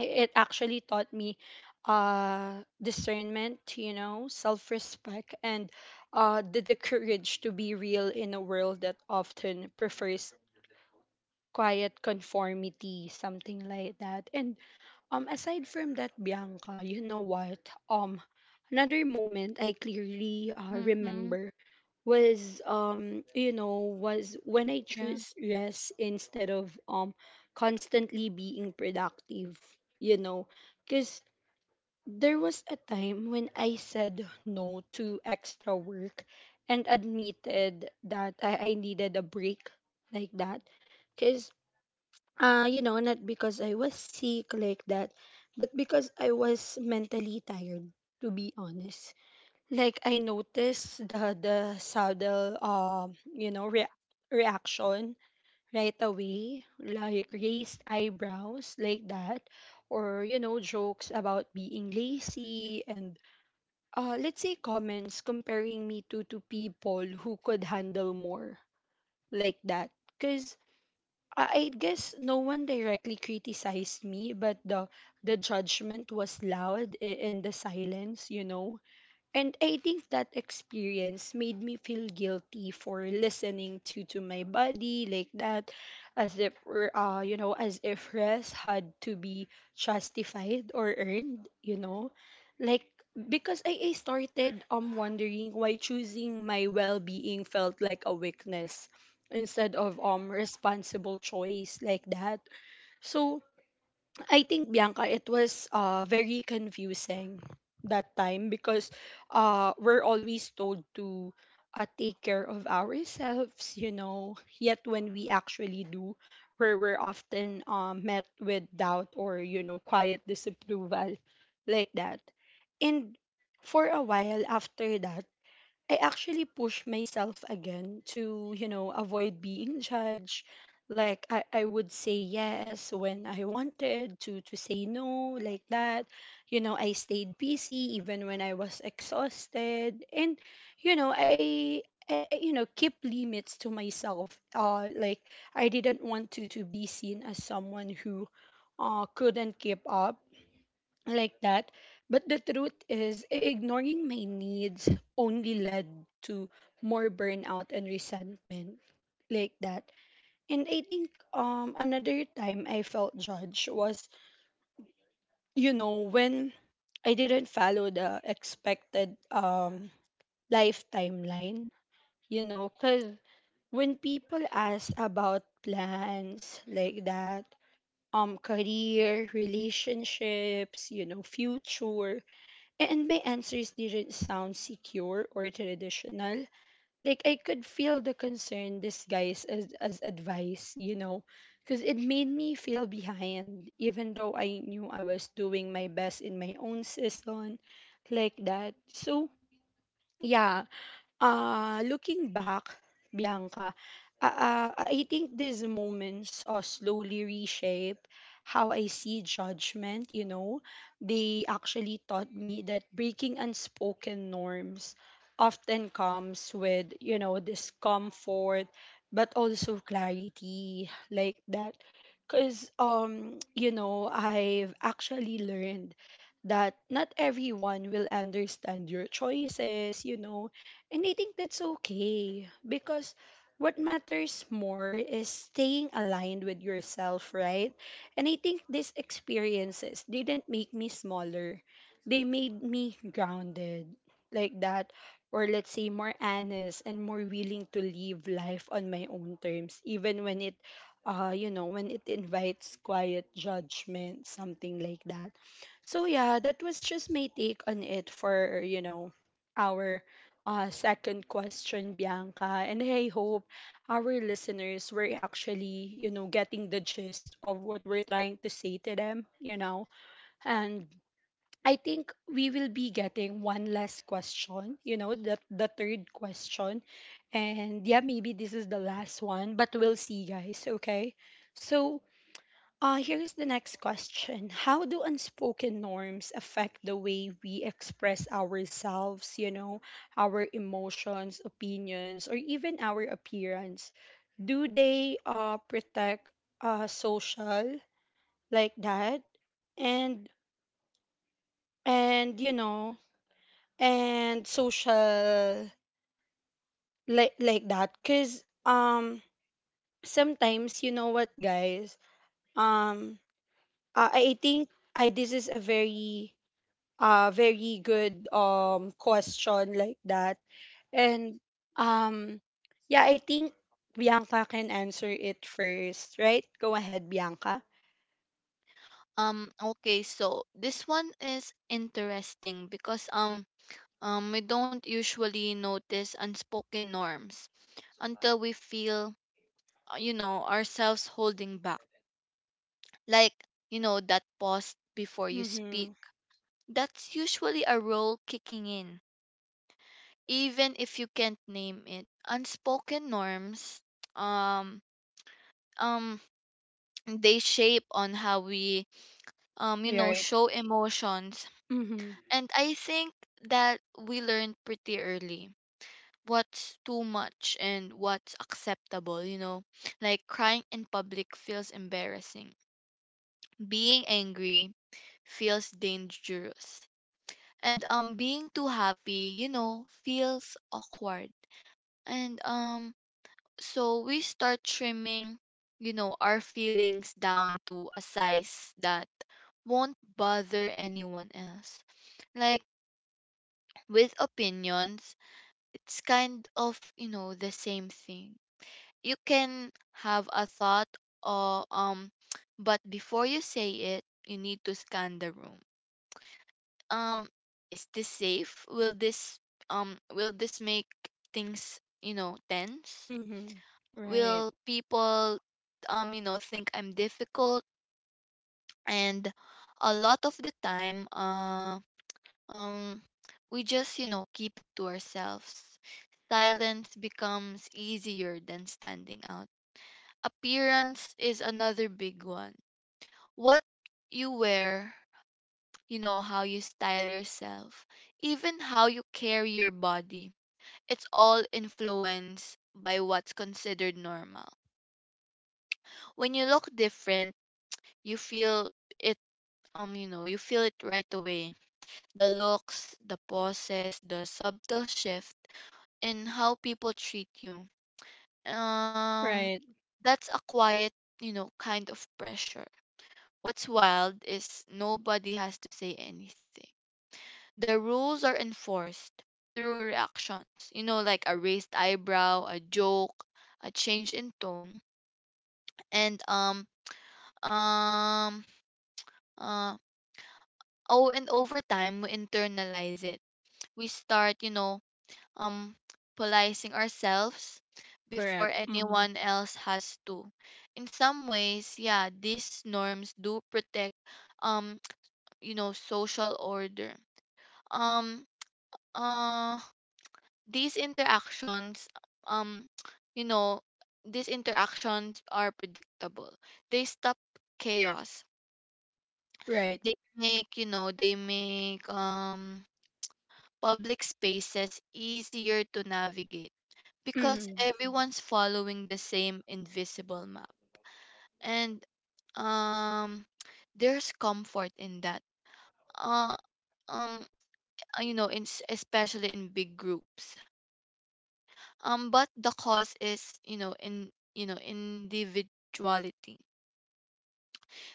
[SPEAKER 1] it actually taught me discernment, you know, self-respect, and the courage to be real in a world that often prefers quiet conformity, something like that. And aside from that, Bianca, you know what, um another moment I clearly
[SPEAKER 2] Mm-hmm.
[SPEAKER 1] remember was, you know, was when I
[SPEAKER 2] Yeah.
[SPEAKER 1] choose rest instead of constantly being productive, you know. Because there was a time when I said no to extra work and admitted that I needed a break, like that. Because, you know, not because I was sick, like that, but because I was mentally tired, to be honest. Like, I noticed the sudden, you know, reaction right away, like raised eyebrows, like that, or, you know, jokes about being lazy, and let's say comments comparing me to people who could handle more, like that. Cause I guess no one directly criticized me, but the judgment was loud in the silence, you know. And I think that experience made me feel guilty for listening to my body, like that, as if you know, as if rest had to be justified or earned, you know, like, because I started wondering why choosing my well being felt like a weakness instead of responsible choice, like that. So I think Bianca, it was very confusing that time because we're always told to take care of ourselves, you know. Yet when we actually do, where we're often met with doubt or, you know, quiet disapproval, like that. And for a while after that, I actually push myself again to, you know, avoid being judged. Like I would say yes when I wanted to say no, like that. You know, I stayed busy even when I was exhausted. And, you know, you know, keep limits to myself. Like I didn't want to be seen as someone who couldn't keep up, like that. But the truth is, ignoring my needs only led to more burnout and resentment, like that. And I think another time I felt judged was, you know, when I didn't follow the expected life timeline, you know, cuz when people ask about plans, like that, career, relationships, you know, future. And my answers didn't sound secure or traditional. Like I could feel the concern disguised as, advice, you know, because it made me feel behind, even though I knew I was doing my best in my own season, like that. So yeah, looking back, Bianca, I think these moments slowly reshape how I see judgment, you know. They actually taught me that breaking unspoken norms often comes with, you know, discomfort, but also clarity, like that. Because, you know, I've actually learned that not everyone will understand your choices, you know. And I think that's okay because what matters more is staying aligned with yourself, right? And I think these experiences didn't make me smaller. They made me grounded, like that, or let's say more honest and more willing to live life on my own terms, even when it you know, when it invites quiet judgment, something like that. So yeah, that was just my take on it for, you know, our second question, Bianca. And I hope our listeners were actually, you know, getting the gist of what we're trying to say to them, you know. And I think we will be getting one last question, you know, the third question. And yeah, maybe this is the last one, but we'll see, guys, okay? So here's the next question. How do unspoken norms affect the way we express ourselves, you know, our emotions, opinions, or even our appearance? Do they protect social, like that? And, you know, and social like that? Because sometimes, you know what, guys? Um, I, I think this is a very good question, like that. And um yeah, I think Bianca can answer it first, right? Go ahead, Bianca.
[SPEAKER 2] Okay, so this one is interesting because we don't usually notice unspoken norms until we feel you know, ourselves holding back. Like, you know, that pause before you speak,
[SPEAKER 1] Mhm.
[SPEAKER 2] that's usually a role kicking in, even if you can't name it. Unspoken norms, um um they shape on how we, you know,
[SPEAKER 1] Right.
[SPEAKER 2] show emotions.
[SPEAKER 1] Mhm.
[SPEAKER 2] And I think that we learn pretty early what's too much and what's acceptable, you know, like crying in public feels embarrassing, being angry feels dangerous, and being too happy, you know, feels awkward. And so we start trimming, you know, our feelings down to a size that won't bother anyone else. Like with opinions, it's kind of, you know, the same thing. You can have a thought, or but before you say it you need to scan the room. um is this safe? Will this, will this make things, you know, tense?
[SPEAKER 1] Mhm. Right.
[SPEAKER 2] Will people, you know, think I'm difficult? And a lot of the time, um we just, you know, keep it to ourselves. Silence becomes easier than standing out. Appearance is another big one. What you wear, you know, how you style yourself, even how you carry your body, it's all influenced by what's considered normal. When you look different, you feel it you know, you feel it right away. The looks, the poses, the subtle shift in how people treat you. Um
[SPEAKER 1] Right.
[SPEAKER 2] that's a quiet, you know, kind of pressure. What's wild is nobody has to say anything. The rules are enforced through reactions, you know, like a raised eyebrow, a joke, a change in tone. and um um uh oh and over time we internalize it. We start, you know, um policing ourselves before
[SPEAKER 1] Correct. Mhm.
[SPEAKER 2] anyone else has to. In some ways, yeah, these norms do protect, um you know, social order. Um uh these interactions um you know, these interactions are predictable, they stop chaos.
[SPEAKER 1] Right.
[SPEAKER 2] They make, you know, they make public spaces easier to navigate because
[SPEAKER 1] Mhm.
[SPEAKER 2] everyone's following the same invisible map. And um there's comfort in that. Uh um you know, especially in big groups. But the cause is, you know, in, you know, individuality,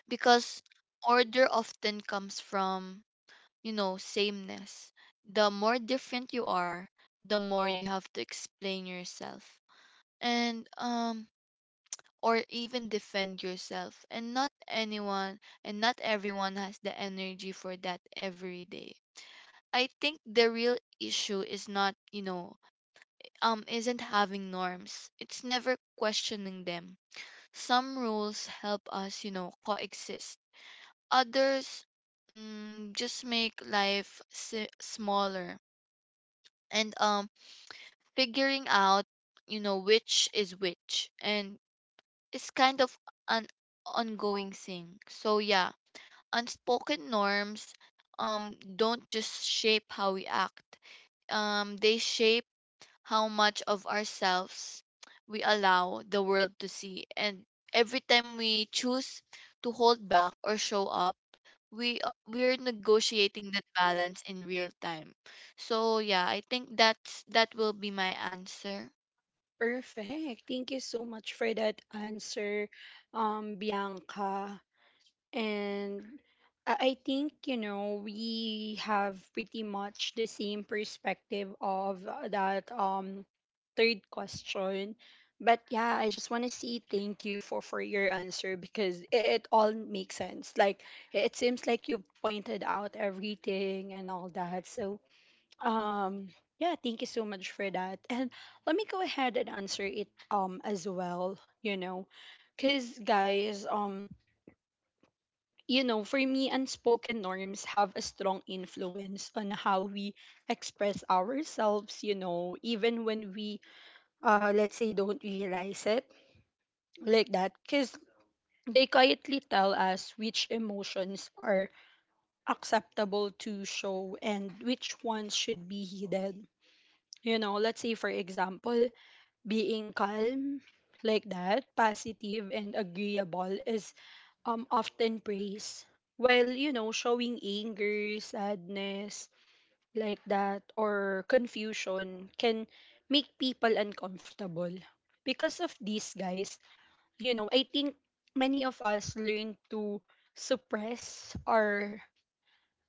[SPEAKER 2] because order often comes from, you know, sameness. The more different you are, the more you have to explain yourself and or even defend yourself. And not anyone and not everyone has the energy for that every day. I think the real issue is, not, you know, isn't having norms. It's never questioning them. Some rules help us, you know, coexist. Others, just make life smaller. And figuring out, you know, which is which, and it's kind of an ongoing thing. So yeah, unspoken norms, don't just shape how we act, they shape how much of ourselves we allow the world to see. And every time we choose to hold back or show up, we're negotiating that balance in real time. So yeah, I think that's, that will be my answer.
[SPEAKER 1] Perfect. Thank you so much for that answer, Bianca. And I think, you know, we have pretty much the same perspective of that third question. But yeah, I just want to say thank you for your answer because it, all makes sense. Like it seems like you've pointed out everything and all that. So, um yeah, thank you so much for that. And let me go ahead and answer it as well, you know. Cuz guys, you know, for me, unspoken norms have a strong influence on how we express ourselves, you know, even when we, let's say, don't realize it, like that. Because they quietly tell us which emotions are acceptable to show and which ones should be hidden. You know, let's say, for example, being calm, like that, positive and agreeable is often praise, while, you know, showing anger, sadness, like that, or confusion can make people uncomfortable. Because of these, guys, you know, I think many of us learn to suppress our,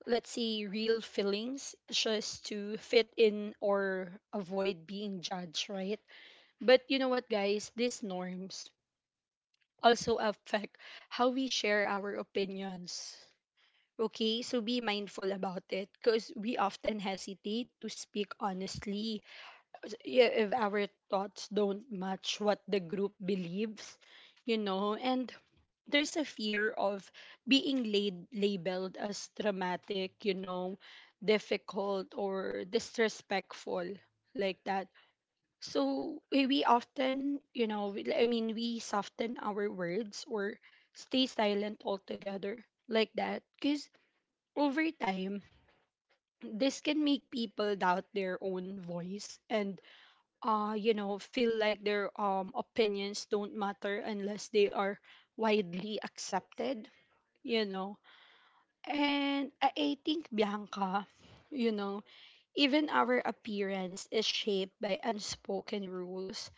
[SPEAKER 1] let's say, real feelings just to fit in or avoid being judged, right? But you know what, guys, these norms also affect how we share our opinions. Okay, so be mindful about it because we often hesitate to speak honestly if our thoughts don't match what the group believes, you know. And there's a fear of being laid, labeled as dramatic, you know, difficult or disrespectful, like that. So we often, you know, I mean, we soften our words or stay silent altogether, like that, because over time, this can make people doubt their own voice and you know, feel like their opinions don't matter unless they are widely accepted, you know. And I think Bianca, you know, even our appearance is shaped by unspoken rules.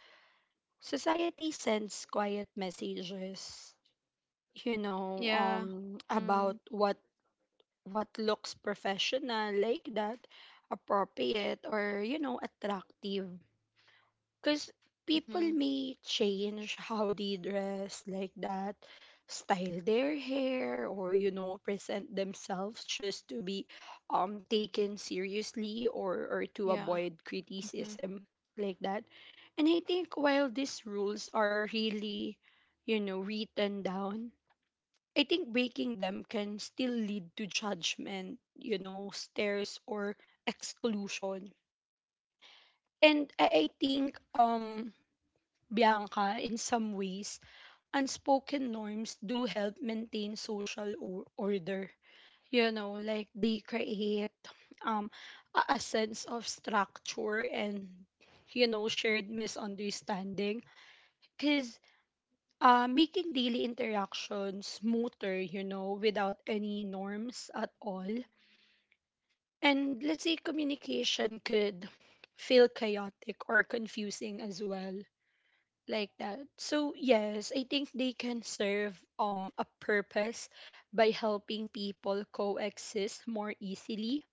[SPEAKER 1] Society sends quiet messages, you know,
[SPEAKER 2] Yeah.
[SPEAKER 1] about
[SPEAKER 2] Mm.
[SPEAKER 1] what looks professional, like that, appropriate or, you know, attractive. Because people
[SPEAKER 2] Mhm.
[SPEAKER 1] may change how they dress, like that, style their hair or, you know, present themselves just to be taken seriously or to
[SPEAKER 2] Yeah.
[SPEAKER 1] avoid
[SPEAKER 2] Mm-hmm.
[SPEAKER 1] criticism, like that. And I think while these rules are really, you know, written down, I think breaking them can still lead to judgment, you know, stares or exclusion. And I think Bianca, in some ways, unspoken norms do help maintain social order. You know, like they create um a sense of structure and, you know, shared misunderstanding. Cause making daily interactions smoother, you know, without any norms at all. And let's say communication could feel chaotic or confusing as well, like that. So yes, I think they can serve a purpose by helping people coexist more easily.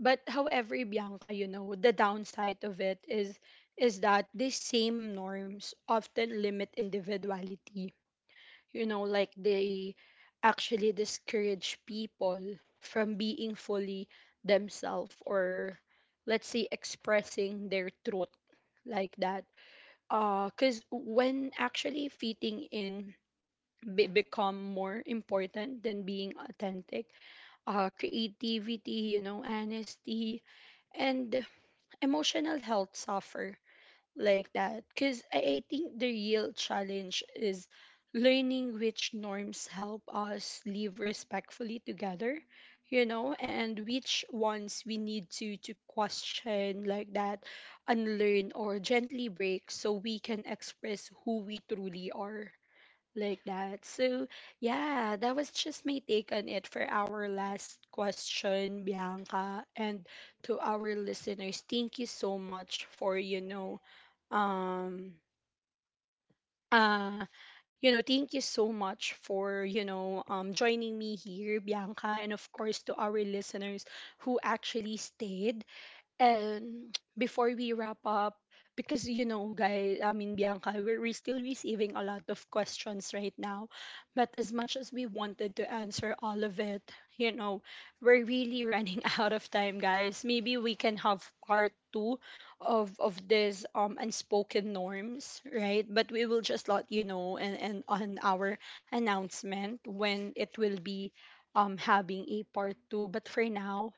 [SPEAKER 1] But however, Bianca, the downside of it is that these same norms often limit individuality, like they actually discourage people from being fully themselves, or let's say expressing their truth, like that. Cuz when actually fitting in become more important than being authentic, creativity, honesty, and emotional health suffer, like that. Because I think the real challenge is learning which norms help us live respectfully together, you know, and which ones we need to question, like that, unlearn or gently break so we can express who we truly are, like that. So yeah, that was just my take on it for our last question, Bianca. And to our listeners, thank you so much for um uh thank you so much for you know joining me here, Bianca, and of course to our listeners who actually stayed. And before we wrap up, because you know, guys, I mean, Bianca, we're still receiving a lot of questions right now. But as much as we wanted to answer all of it, you know, we're really running out of time, guys. Maybe we can have part two of this unspoken norms, right? But we will just let you know, and on our announcement when it will be having a part two. But for now,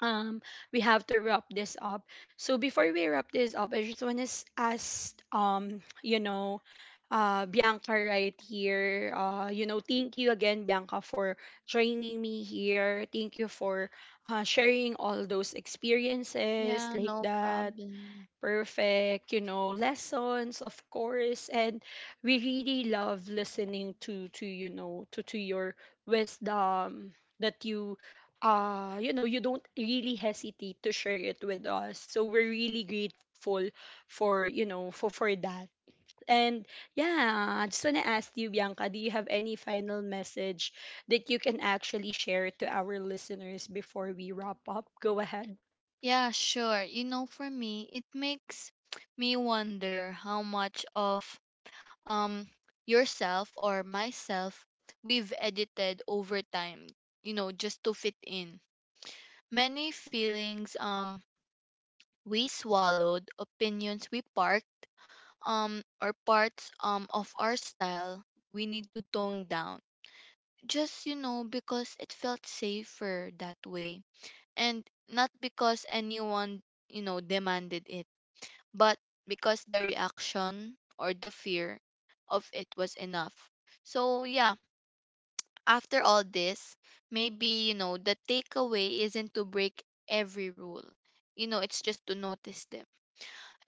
[SPEAKER 1] um we have to wrap this up. So before we wrap this up, I just want to ask, Bianca right here, thank you again, Bianca, for joining me here. Thank you for sharing all those experiences,
[SPEAKER 2] Yeah,
[SPEAKER 1] like
[SPEAKER 2] no
[SPEAKER 1] that,
[SPEAKER 2] problem.
[SPEAKER 1] perfect, you know, lessons, of course. And we really love listening to your wisdom that you you know you don't really hesitate to share it with us. So we're really grateful for that. And yeah, I just want to ask you, Bianca, do you have any final message that you can actually share to our listeners before we wrap up? Go ahead.
[SPEAKER 2] Yeah, sure. You know, for me, it makes me wonder how much of, um yourself or myself, we've edited over time, you know, just to fit in. Many feelings we swallowed, opinions we parked, or parts of our style we need to tone down, just, you know, because it felt safer that way. And not because anyone, you know, demanded it, but because the reaction or the fear of it was enough. So yeah, after all this, maybe, you know, the takeaway isn't to break every rule. You know, it's just to notice them.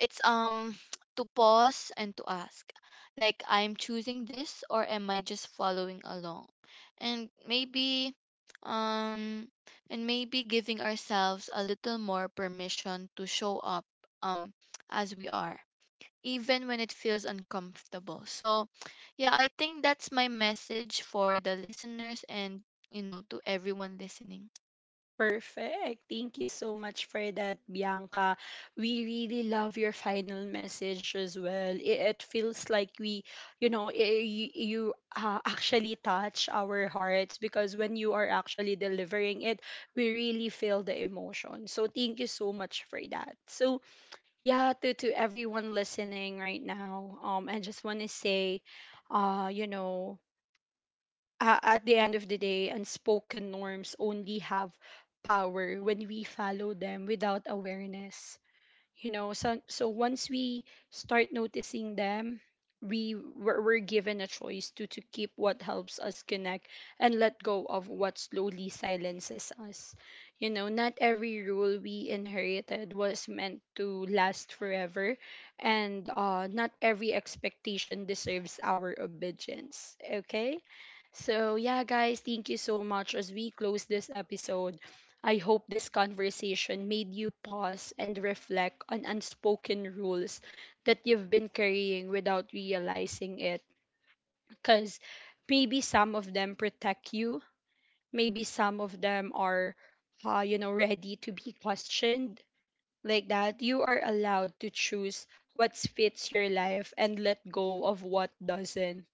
[SPEAKER 2] It's to pause and to ask, like, I'm choosing this or am I just following along? And maybe um and maybe giving ourselves a little more permission to show up um as we are, even when it feels uncomfortable. So, yeah, I think that's my message for the listeners and, you know, to everyone listening.
[SPEAKER 1] Perfect. Thank you so much for that, Bianca. We really love your final message as well. It feels like we, you know, you, you actually touch our hearts, because when you are actually delivering it, we really feel the emotion. So thank you so much for that. So yeah, to everyone listening right now, I just want to say, uh, you know, at the end of the day, unspoken norms only have power when we follow them without awareness. You know, so once we start noticing them, we're given a choice to keep what helps us connect and let go of what slowly silences us. You know, not every rule we inherited was meant to last forever, and not every expectation deserves our obedience. Okay. So yeah, guys, thank you so much. As we close this episode, I hope this conversation made you pause and reflect on unspoken rules that you've been carrying without realizing it. Because maybe some of them protect you, maybe some of them are ready to be questioned. Like that, you are allowed to choose what fits your life and let go of what doesn't.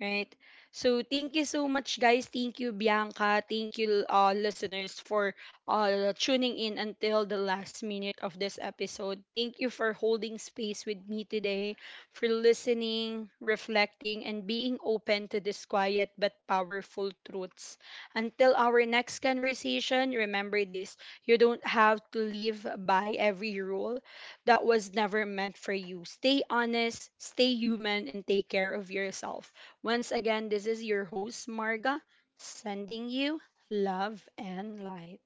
[SPEAKER 1] Right. So thank you so much, guys. Thank you, Bianca. Thank you, listeners, for tuning in until the last minute of this episode. Thank you for holding space with me today, for listening, reflecting, and being open to these quiet but powerful truths. Until our next conversation, remember this: you don't have to live by every rule that was never meant for you. Stay honest, stay human, and take care of yourself. Once again, this is your host, Marga, sending you love and light.